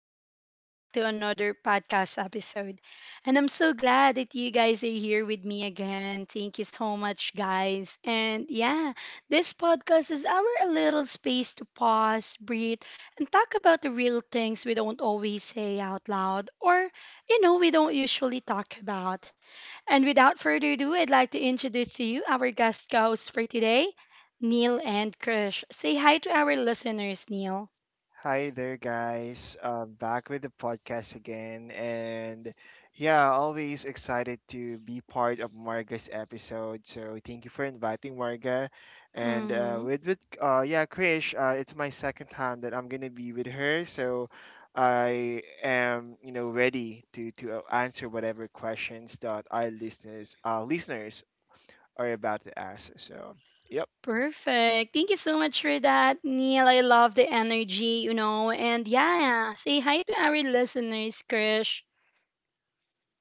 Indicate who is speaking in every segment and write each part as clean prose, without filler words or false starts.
Speaker 1: and welcome back to another podcast episode. And I'm so glad that you guys are here with me again. Thank you so much, guys. And yeah, this podcast is our little space to pause, breathe, and talk about the real things we don't always say out loud or, we don't usually talk about. And without further ado, I'd like to introduce to you our guest host for today. Neil and Krish. Say hi to our listeners, Neil.
Speaker 2: Hi there, guys. Back with the podcast again. And yeah, always excited to be part of Marga's episode. So thank you for inviting Marga. And
Speaker 1: Mm-hmm.
Speaker 2: with yeah, Krish, it's my second time that I'm going to be with her. So I am, you know, ready to answer whatever questions that our listeners are about to ask. So, yep.
Speaker 1: Perfect. Thank you so much for that, Neil. I love the energy. And yeah, say hi to our listeners, Krish.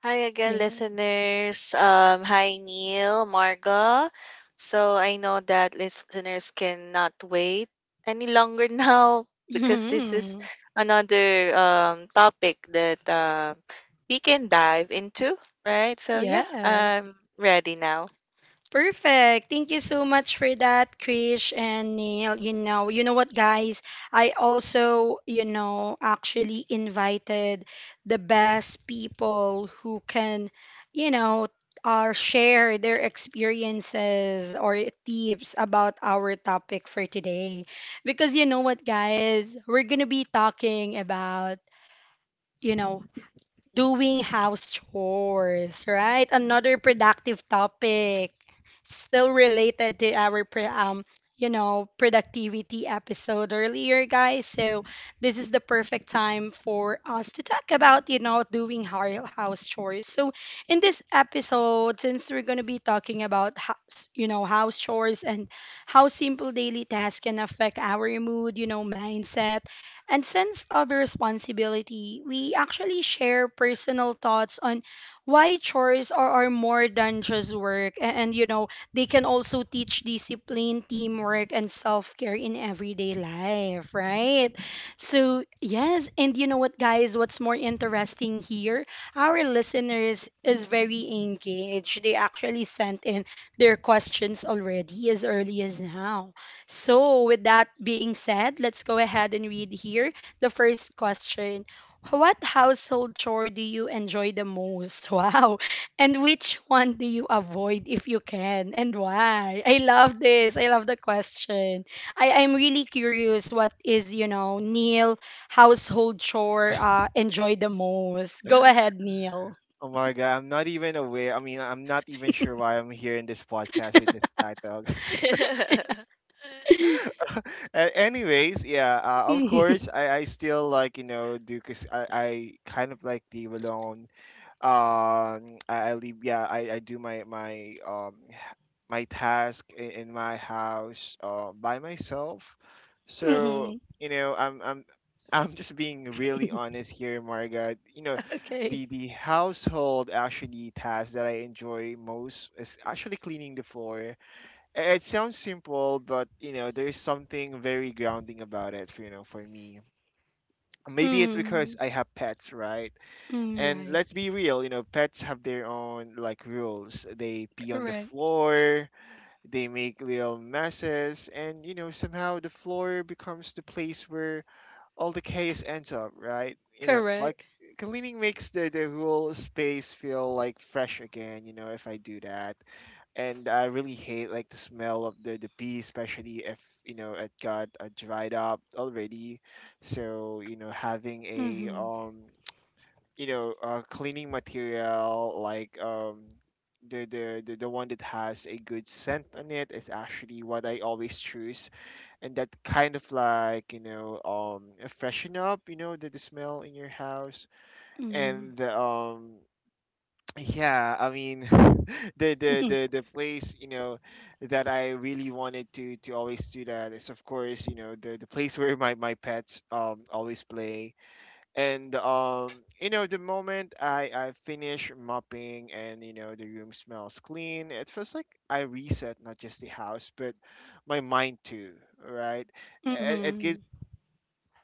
Speaker 3: Hi again,
Speaker 1: Yes.
Speaker 3: listeners. Hi, Neil, Marga. So I know that listeners cannot wait any longer now because this is another topic that we can dive into, right? So yeah, I'm
Speaker 1: yes.
Speaker 3: ready now.
Speaker 1: Perfect. Thank you so much for that, Krish and Neil. You know what, guys? I also actually invited the best people who can, you know, share their experiences or tips about our topic for today. Because you know what, guys? We're gonna be talking about, you know, doing house chores, right? Another productive topic, still related to our productivity episode earlier, guys. So this is the perfect time for us to talk about doing house chores. So in this episode, since we're gonna be talking about house chores and how simple daily tasks can affect our mood, mindset and sense of responsibility, we actually share personal thoughts on why chores are more than just work. And they can also teach discipline, teamwork, and self care in everyday life, right? So, yes. And you know what, guys? What's more interesting here? Our listeners is very engaged. They actually sent in their questions already as early as now. So, with that being said, let's go ahead and read here the first question. What household chore do you enjoy the most? Wow. And which one do you avoid if you can? And why? I love this. I love the question. I'm really curious what is Neil household chore enjoy the most? Go ahead, Neil.
Speaker 2: Oh my god, I'm not even aware. I mean, I'm not even sure why I'm here in this podcast with this title. A- Anyways, of course,
Speaker 1: Mhm.
Speaker 2: I still like, you know, do because I kind of like leave alone. I leave, yeah, I do my task in my house by myself. So
Speaker 1: Mhm.
Speaker 2: you know, I'm I'm just being really honest here, Marga. You know,
Speaker 1: Okay.
Speaker 2: the household actually task that I enjoy most is actually cleaning the floor. I- It sounds simple, but you know, there's something very grounding about it. You know, for me, maybe it's because
Speaker 1: Mm,
Speaker 2: I have pets, right?
Speaker 1: mm,
Speaker 2: And
Speaker 1: right.
Speaker 2: let's be real, you know, pets have their own like rules. They pee on the
Speaker 1: Correct.
Speaker 2: floor, they make little messes, and you know, somehow the floor becomes the place where all the chaos ends up, right? You know, like
Speaker 1: Correct.
Speaker 2: cleaning makes the whole space feel like fresh again, you know, if I do that. And I really hate like the smell of the pee, especially if you know it got dried up already. So you know, having a
Speaker 1: Mhm,
Speaker 2: you know, cleaning material like the one that has a good scent on it is actually what I always choose, and that kind of like, you know, freshen up, you know, the smell in your house, and
Speaker 1: mhm,
Speaker 2: yeah, I mean,
Speaker 1: mhm,
Speaker 2: the place, you know, that I really wanted to always do that is, of course, you know, the place where my pets always play. And you know, the moment I finish mopping and you know, the room smells clean, it feels like I reset not just the house but my mind too, right? It gives,
Speaker 1: mhm.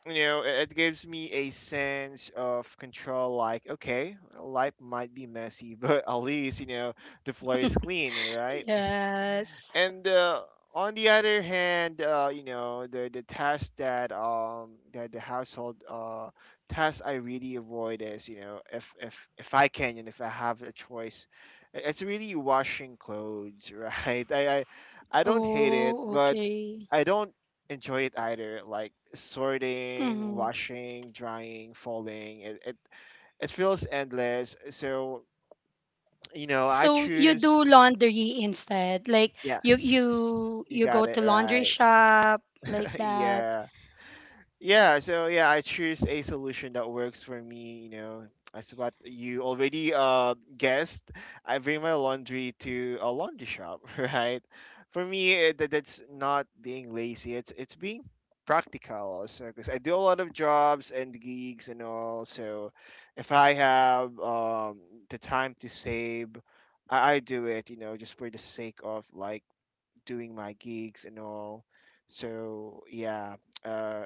Speaker 2: you know, it gives me a sense of control, like, okay, life might be messy but at least, you know, the floor is clean, right?
Speaker 1: Yes.
Speaker 2: And on the other hand, you know, the household task I really avoid is, you know, if I can and if I have a choice, I- it's really washing clothes, right? I don't hate it,
Speaker 1: Oh,
Speaker 2: but
Speaker 1: okay.
Speaker 2: I don't enjoy it either. Like sorting,
Speaker 1: Mhm.
Speaker 2: washing, drying, folding, it feels endless. So you know, I
Speaker 1: So you
Speaker 2: choose
Speaker 1: do laundry instead. Like you
Speaker 2: yes.
Speaker 1: you
Speaker 2: You
Speaker 1: you
Speaker 2: got
Speaker 1: go
Speaker 2: it
Speaker 1: to laundry
Speaker 2: right.
Speaker 1: shop like that.
Speaker 2: Yeah. Yeah, so yeah, I choose a solution that works for me, you know. As what you already guessed, I bring my laundry to a laundry shop, right?
Speaker 1: Yes,
Speaker 2: For
Speaker 1: that's
Speaker 2: me, that
Speaker 1: right.
Speaker 2: that's
Speaker 1: Because
Speaker 2: not being
Speaker 1: you know
Speaker 2: lazy.
Speaker 1: what,
Speaker 2: It's being
Speaker 1: Neil,
Speaker 2: practical also because
Speaker 1: um,
Speaker 2: I do a lot of jobs and gigs and
Speaker 1: Neil, that
Speaker 2: all.
Speaker 1: was
Speaker 2: So if
Speaker 1: really
Speaker 2: I have the time to save, I do it, you know, just for the sake of like doing my gigs and all. So yeah, uh,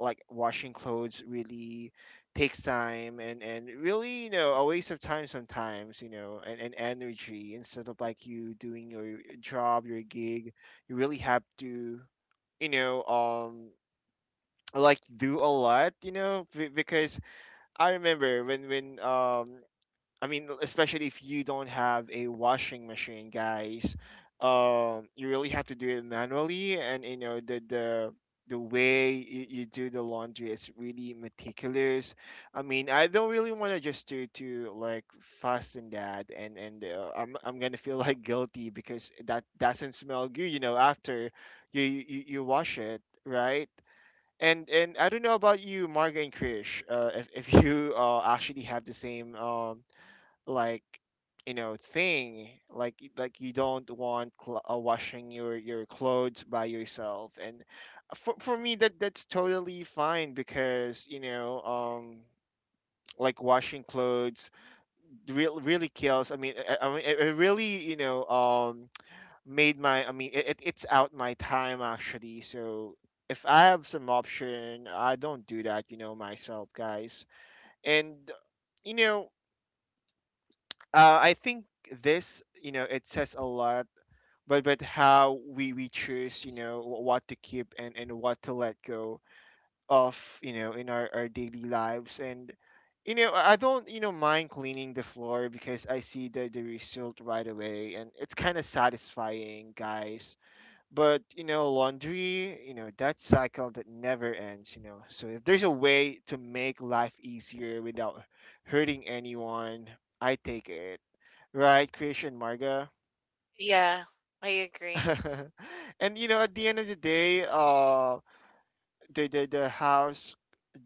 Speaker 2: like washing clothes really takes time, and really you know, a waste of time sometimes, you know, and energy instead of like you doing your job, your gig, you really have to, you know, like do a lot, you know, b- because I remember when I mean, especially if you don't have a washing machine, guys, you really have to do it manually, and you know the way you do the laundry is really meticulous. I mean, I don't really want to just do to like fasten that, and I'm gonna feel like guilty because that doesn't smell good, you know, after you wash it, right? And I don't know about you, Marga and Krish, if you actually have the same like you know thing like y- like you don't want cl- washing your clothes by yourself. And for me that that's totally fine because you know like washing clothes really really kills. I mean it really you know made my I mean it- it's out my time actually. So if I have some option, I don't do that, you know, myself, guys. And you know, I think this, you know, it says a lot, but how we choose, you know, wh- what to keep and what to let go of, you know, in our daily lives and. You know, I don't, you know, mind cleaning the floor because I see the result right away and it's kind of satisfying, guys. But, you know, laundry, you know, that cycle that never ends, you know. So if there's a way to make life easier without hurting anyone, I take it. Right, Krish and Marga.
Speaker 3: Yeah, I agree.
Speaker 2: And you know, at the end of the day, the house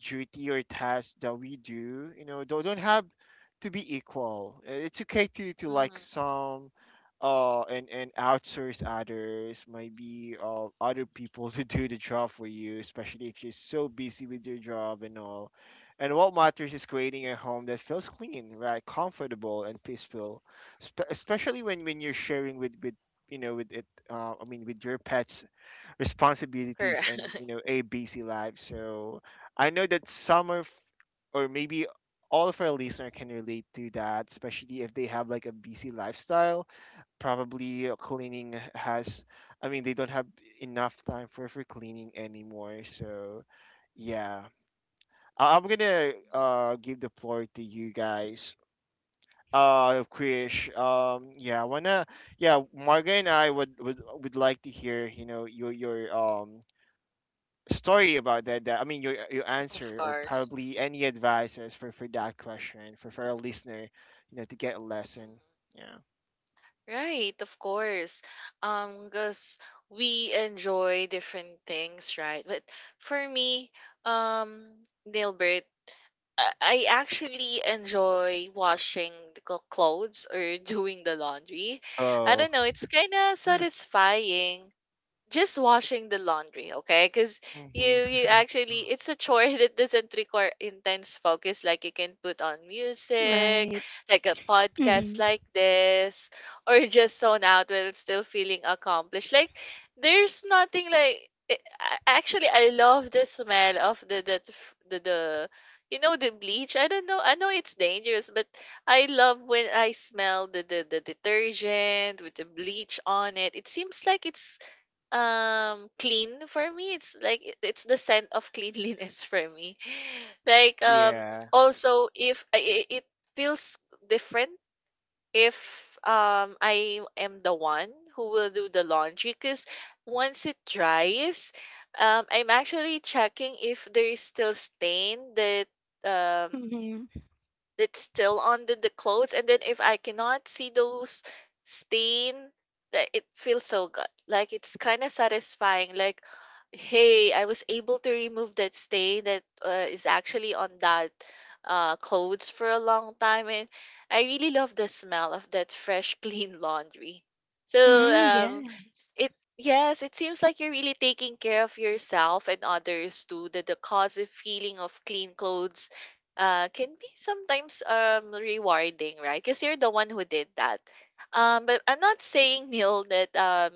Speaker 2: duty or task that we do you know don't have to be equal. It's okay to like
Speaker 3: Mhm.
Speaker 2: some and outsource others, maybe other people to do the job for you, especially if you're so busy with your job and all. And what matters is creating a home that feels clean, right, comfortable and peaceful. Spe- especially when you're sharing with you know with it with your pets, responsibilities
Speaker 3: Correct.
Speaker 2: and you know a busy life. So I know that some of, or maybe all of our listener can relate to that, especially if they have like a busy lifestyle.
Speaker 3: Mhm.
Speaker 2: Probably cleaning has, I mean, they don't have enough time for cleaning anymore. So yeah, I- I'm gonna give the floor to you guys, Krish, yeah, I wanna yeah Marga, and I would like to hear, you know, your story about that, I mean, your
Speaker 3: Of
Speaker 2: answer or
Speaker 3: course.
Speaker 2: probably any advices for that question for a listener, you know, to get a lesson.
Speaker 3: Mm-hmm.
Speaker 2: Yeah.
Speaker 3: Right, of course. Because we enjoy different things, right? But for me, um, Nilbert, I actually enjoy washing the clothes or doing the laundry. I
Speaker 2: Oh.
Speaker 3: don't know, it's kind of satisfying just washing the laundry, okay? Because you
Speaker 2: Mhm.
Speaker 3: you actually it's a chore that doesn't require intense focus. Like you can put on music, like a podcast like this, or just zone out while still feeling accomplished. Like there's nothing like it, actually I love the smell of the you know the bleach. I don't know. I know it's dangerous, but I love when I smell the detergent with the bleach on it. It seems like it's clean for me, it's like it's the scent of cleanliness for me like
Speaker 2: Yeah.
Speaker 3: also if it feels different if I am the one who will do the laundry because once it dries I'm actually checking if there is still stain that um that's still on the clothes and then if I cannot see those stain that it feels so good. Like it's kind of satisfying like hey, I was able to remove that stain that is actually on that clothes for a long time and I really love the smell of that fresh clean laundry. So um, it yes, it seems like you're really taking care of yourself and others too. The causative feeling of clean clothes can be sometimes rewarding, right? Because you're the one who did that. But I'm not saying Neil that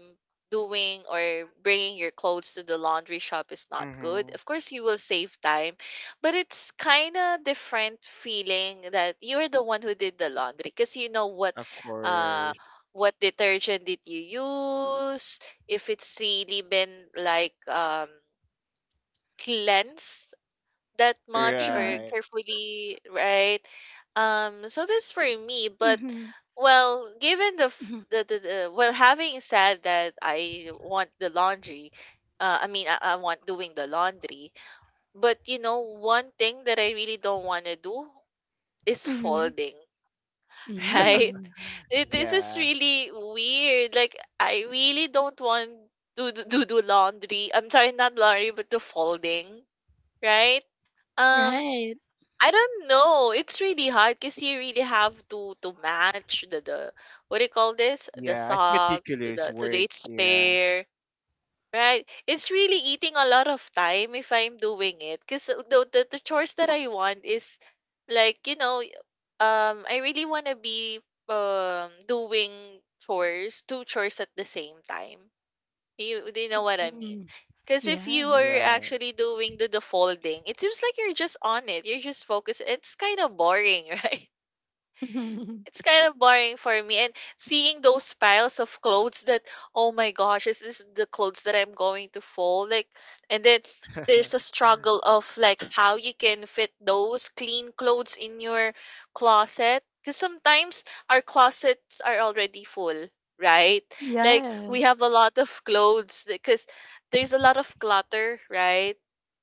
Speaker 3: doing or bringing your clothes to the laundry shop is not good.
Speaker 2: Mhm.
Speaker 3: Of course, you will save time, but it's kind of different feeling that you're the one who did the laundry because you know
Speaker 2: Of
Speaker 3: uh
Speaker 2: course.
Speaker 3: what detergent did you use, if it's really been like cleansed that much or
Speaker 2: Right.
Speaker 3: carefully, right? So that's for me, but well, given the, f- the well, having said that, I want the laundry. I mean, I want doing the laundry, but you know, one thing that I really don't want to do is folding, right? This is
Speaker 2: Yeah.
Speaker 3: really weird. Like, I really don't want to do laundry. I'm sorry, not laundry, but the folding, right? Um, I don't know. It's really hard because you really have to match the what do you call this? The
Speaker 2: Yeah. It's
Speaker 3: socks to
Speaker 2: meticulous
Speaker 3: the
Speaker 2: work.
Speaker 3: each
Speaker 2: Yeah.
Speaker 3: pair. Right. It's really eating a lot of time if I'm doing it. Because the chores that I want is like, you know, I really want to be doing chores, two chores at the same time. You, do you know what I mean? Because if you are
Speaker 2: Right.
Speaker 3: actually doing the folding, it seems like you're just on it. You're just focused. It's kind of boring, right? It's kind of boring for me. And seeing those piles of clothes that, oh my gosh, is this the clothes that I'm going to fold? Like, and then there's a struggle of like how you can fit those clean clothes in your closet. Because sometimes our closets are already full, right? Like, we have a lot of clothes because there's a lot of clutter, right?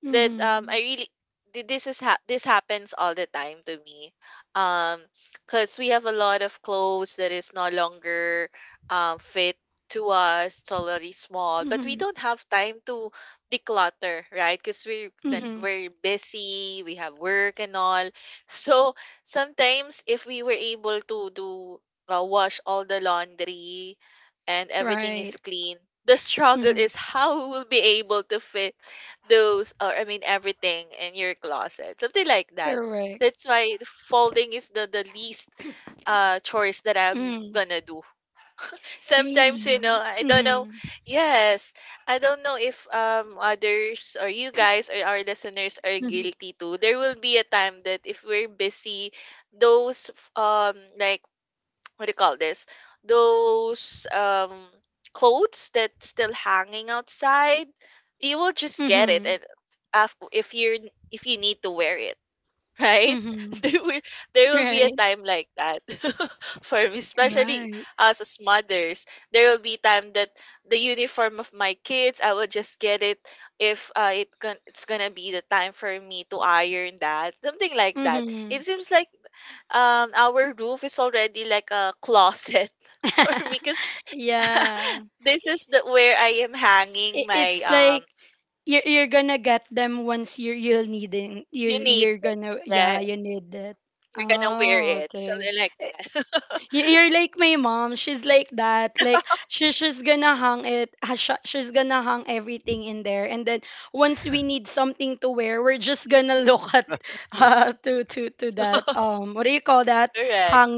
Speaker 3: That I really this happens all the time to me um because we have a lot of clothes that is no longer fit to us, it's already small but we don't have time to declutter, right? Because we're busy, we have work and all. So sometimes if we were able to do wash all the laundry and everything is clean, the struggle is how we will be able to fit those or I mean everything in your closet, something like that. That's why folding is the least chores that I'm gonna do. Sometimes you know I don't know. Yes, I don't know if others or you guys or our listeners are guilty too. There will be a time that if we're busy, those like what do you call this? Those clothes that's still hanging outside, you will just get it and if you're if you need to wear it, right? There will there will be a time like that for me, especially us as mothers. There will be time that the uniform of my kids, I will just get it if it's gonna be the time for me to iron that, something like that. It seems like our roof is already like a closet for me because this is the where I am hanging my you need that you're gonna wear it something like that correct,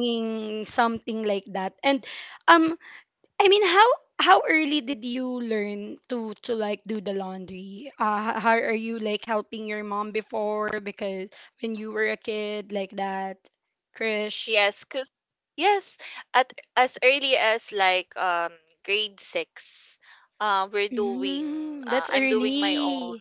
Speaker 3: yes, because yes, at as early as like grade six, we're doing I'm doing my own.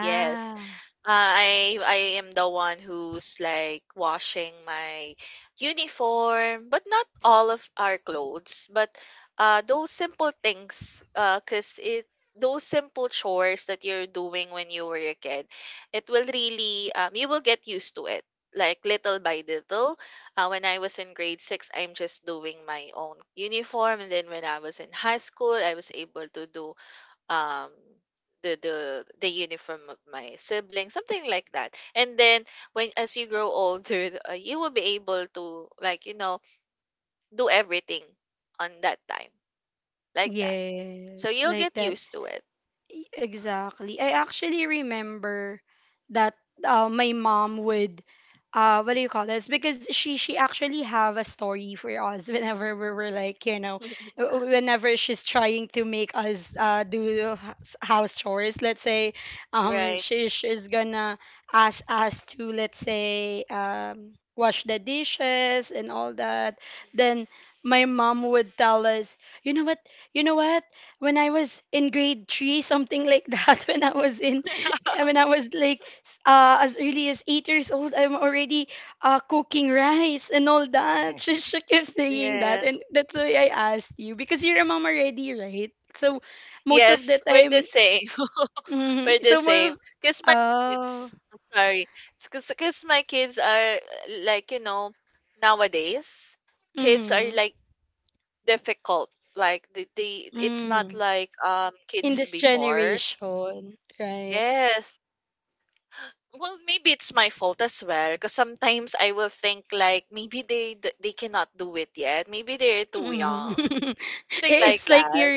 Speaker 3: Yes, uh, I am the one who's like washing my uniform, but not all of our clothes, but those simple things, 'cause it those simple chores that you're doing when you were a kid, it will really you will get used to it. Like little by little. When I was in grade six, I'm just doing my own uniform, and then when I was in high school, I was able to do um the uniform of my sibling, something like that, and then when as you grow older, you will be able to like you know do everything on that time like that, so you'll get used to it. Right. Yes. Yes, we're the same. We're the same because my kids, I'm sorry, because my kids are like you know nowadays kids are like difficult, like the it's not like, kids before. Yes. Well, maybe it's my fault as well. Cause sometimes I will think like maybe they cannot do it yet. Maybe they're too young, something like that.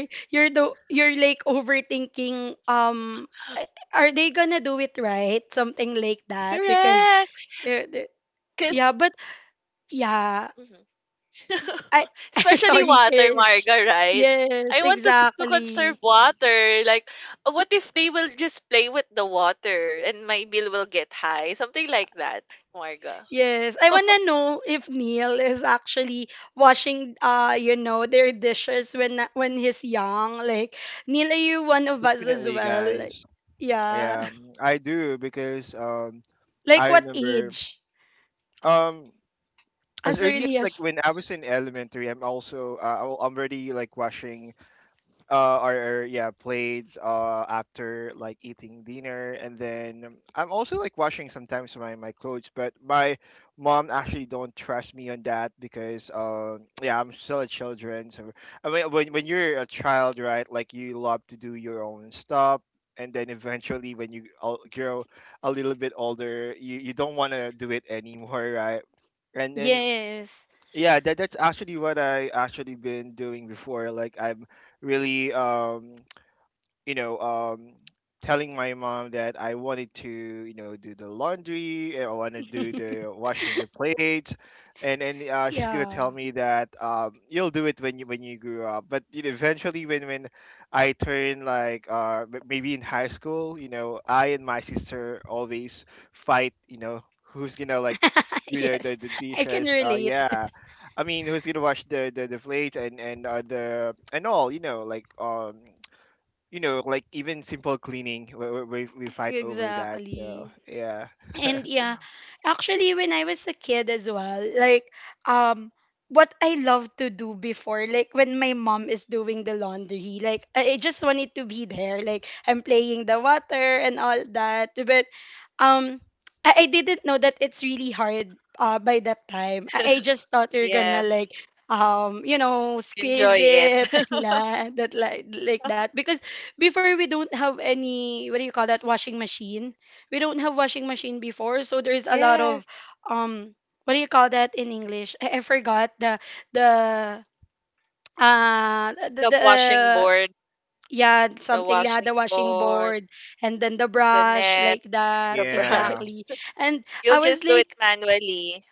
Speaker 3: Correct. Cause especially water, Marga, right? I want to conserve water, like, what if they will just play with the water and my bill will get high? Something like that, Marga.
Speaker 2: Definitely, guys. Yeah, I do because I remember um as early as like when I was in elementary, I'm also I'm already like watching or yeah, plates after like eating dinner, and then I'm also like washing sometimes my my clothes, but my mom actually don't trust me on that because yeah, I'm still a children. So I mean, when you're a child, right? Like you love to do your own stuff. And then eventually, when you o- grow a little bit older, you don't want to do it anymore, right? And then, yeah, that's actually what I actually been doing before. Like, I'm really you know, telling my mom that I wanted to, you know, do the laundry, eh, I want to do the washing the plates, and she's gonna tell me that you'll do it when you grew up. But you know, eventually, when I turned like m- maybe in high school, you know, I and my sister always fight. You know, who's gonna like do the dishes? Yeah. I mean, who's gonna wash the plates and the and all? You know, like even simple cleaning, we fight over that. So yeah,
Speaker 3: Yes. Enjoy it. Yes. The washing board, the washing board, the net, the brush.
Speaker 2: yeah,
Speaker 3: You'll just do it manually.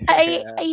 Speaker 2: yeah,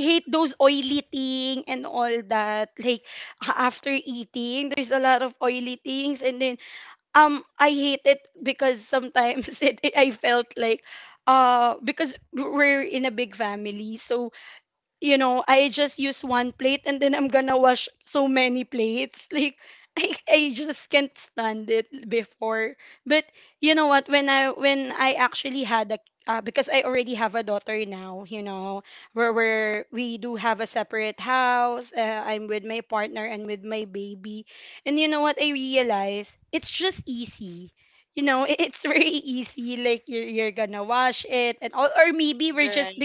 Speaker 3: Right.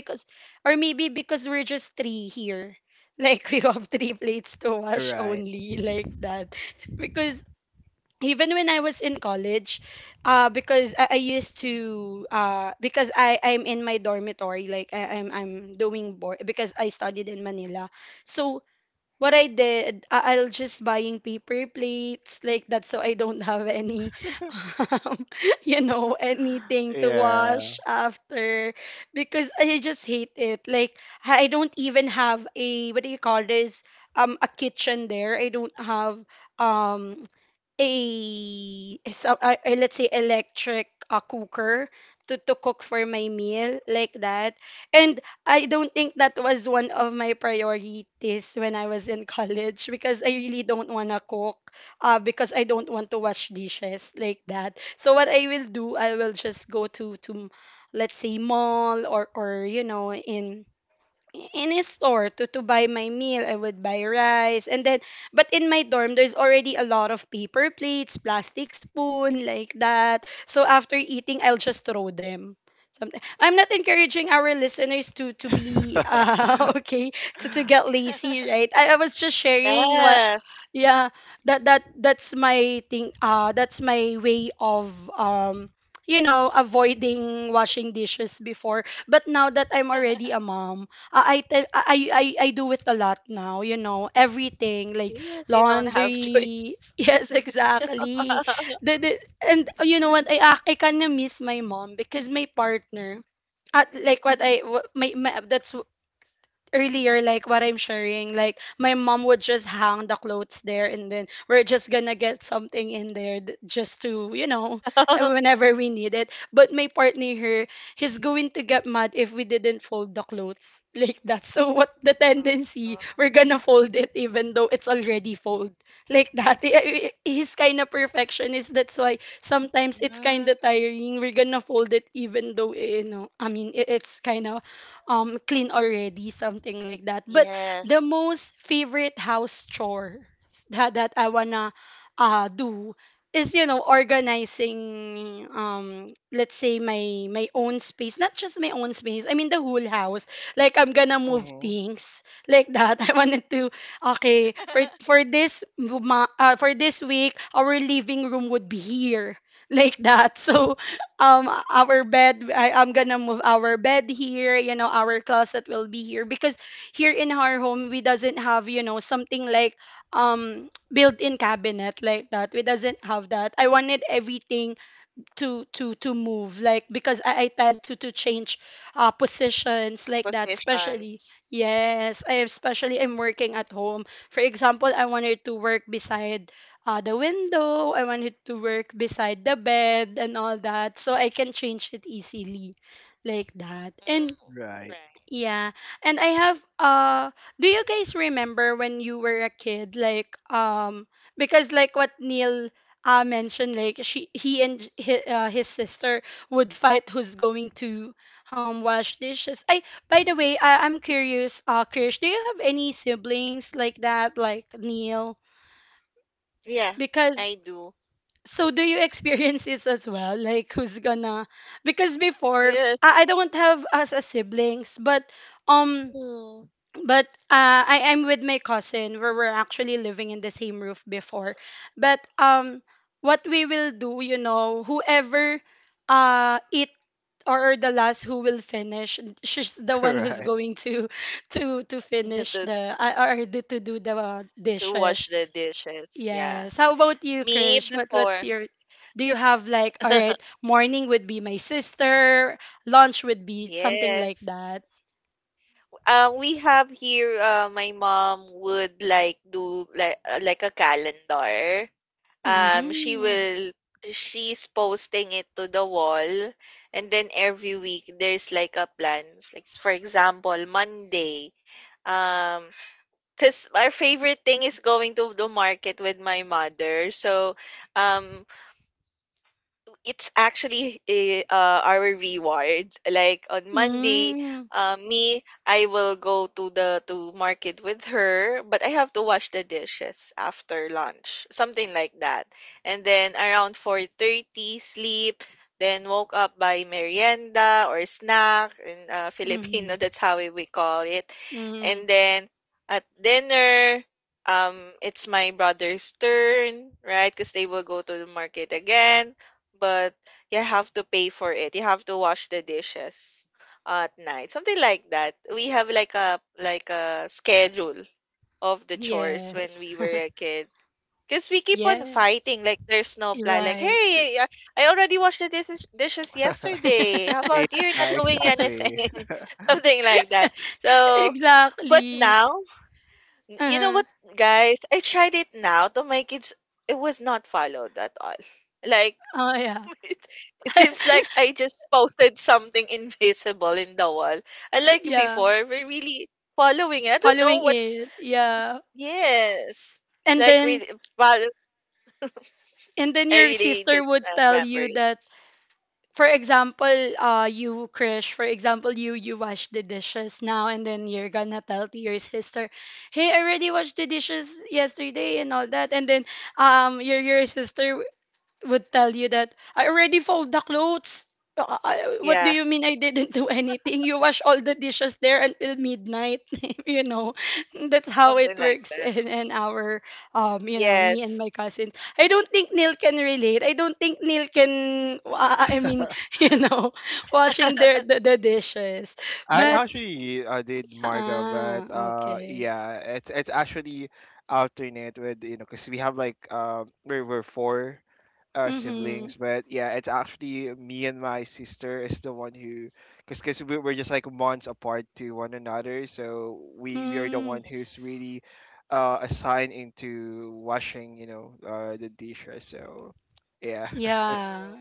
Speaker 2: right, yeah,
Speaker 3: Yes. Yes, you don't have choice. Uh, mhm. Yes.
Speaker 2: hmm,
Speaker 3: Positions. Mm,
Speaker 2: right,
Speaker 3: right. Yeah, I do. Yes. Mm.
Speaker 2: right.
Speaker 3: To, to wash the dishes. Yeah. Me before. Yes. We have here, my mom would like do like a calendar. She will she's posting it to the wall, and then every week there's like a plan. Like for example, Monday. Um, because our favorite thing is going to the market with my mother. So, um, it's actually eh, our reward. Like on Monday, me, I will go to the to market with her, but I have to wash the dishes after lunch, something like that. And then around 4:30, sleep. Then woke up by merienda or snack in Filipino. That's how we call it. And then at dinner, it's my brother's turn, right? Because they will go to the market again but you have to pay for it. You have to wash the dishes at night. Something like that. We have like a schedule of the chores when we were a kid. Because we keep on fighting, like there's no plan. Like, hey, I already washed the dishes yesterday. How
Speaker 2: Yeah,
Speaker 3: about you? You're not doing
Speaker 2: exactly.
Speaker 3: anything, something like that. So, but now, you know what, guys? I tried it now to my kids. It was not followed at all. Like it it seems like I just posted something invisible in the wall. Unlike before, we're really following it. I don't know what's yes. Like really, well, I really just remember it. Yeah, something like that. Yes.
Speaker 2: I actually did Marga, but yeah, it's actually alternate with, you know, because we have like we were four siblings, but yeah, it's actually me and my sister is the one who, because we, we're just like months apart to one another, so we are the one
Speaker 3: Mhm.
Speaker 2: who's really assigned into washing, you know, the dishes. So yeah,
Speaker 3: Mm,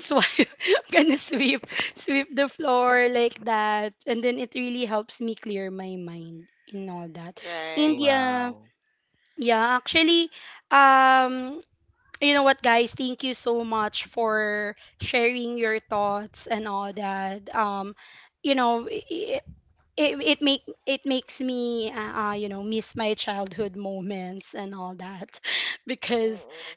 Speaker 3: mhm. Right.
Speaker 2: Wow.
Speaker 3: Mhm.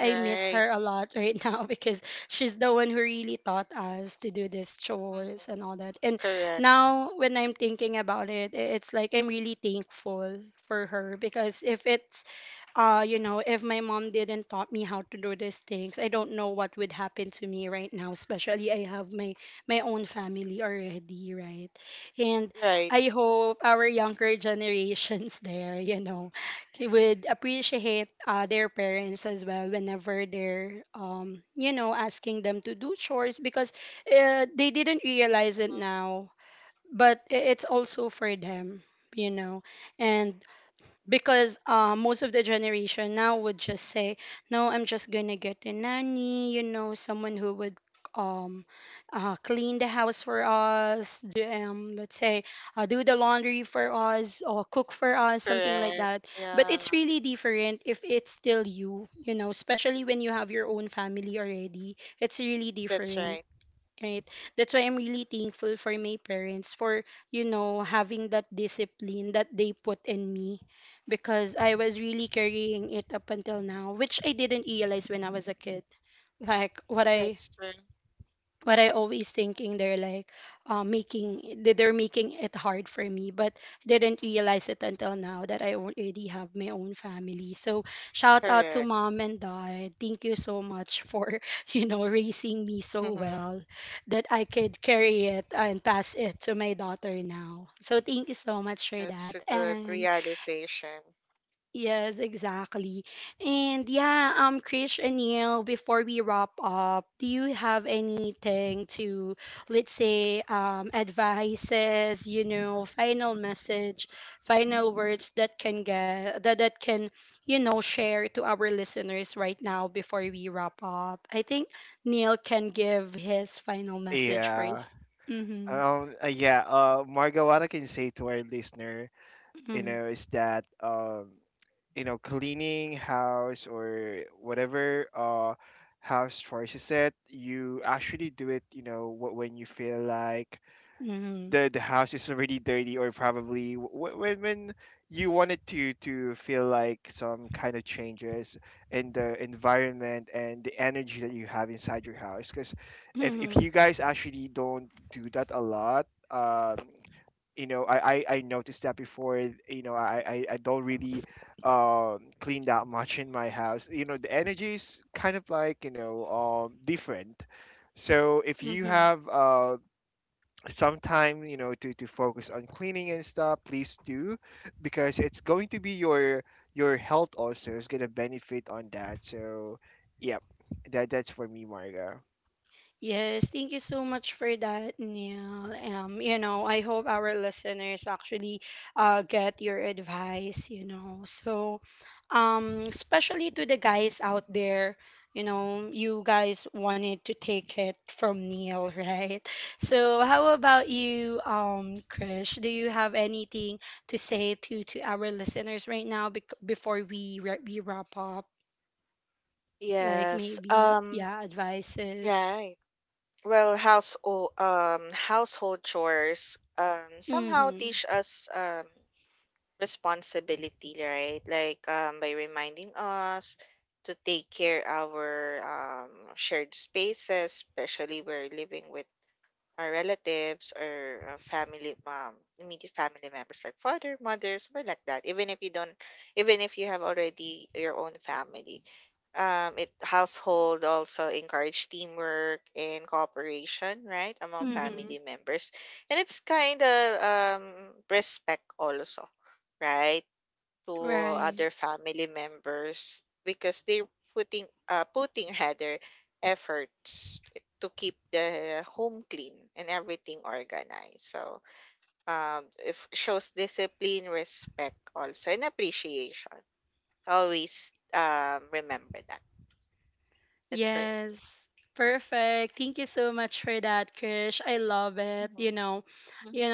Speaker 3: Right. Mhm. Correct. Right. Correct. Yeah. That's right. That's true. Correct. That's a good realization.
Speaker 2: Yeah, yeah. Marga, what I can say to our listener, you know, is that you know, cleaning house or whatever house chores is, it, you actually do it, you know, wh- when you feel like the house is already dirty, or probably wh- when you wanted to feel like some kind of changes in the environment and the energy that you have inside your house. Because if you guys actually don't do that a lot, you know, I noticed that before, eh, you know, I don't really clean that much in my house, you know, the energy is kind of like, you know, different. So if you have some time, you know, to focus on cleaning and stuff, please do, because it's going to be your health also is going to benefit on that. So yep, that that's for me, Marga.
Speaker 3: Yes. Right. Well, household household chores somehow teach us responsibility, right? Like by reminding us to take care our shared spaces, especially we're living with our relatives or family immediate family members like father, mother, something like that. Even if you don't, even if you have already your own family, it household also encourage teamwork and cooperation, right, among family members, and it's kind of respect also, right, to other family members because they're putting rather efforts to keep the home clean and everything organized. So it shows discipline, respect also, and appreciation. Always remember that. That's for me. 嗯哼，嗯哼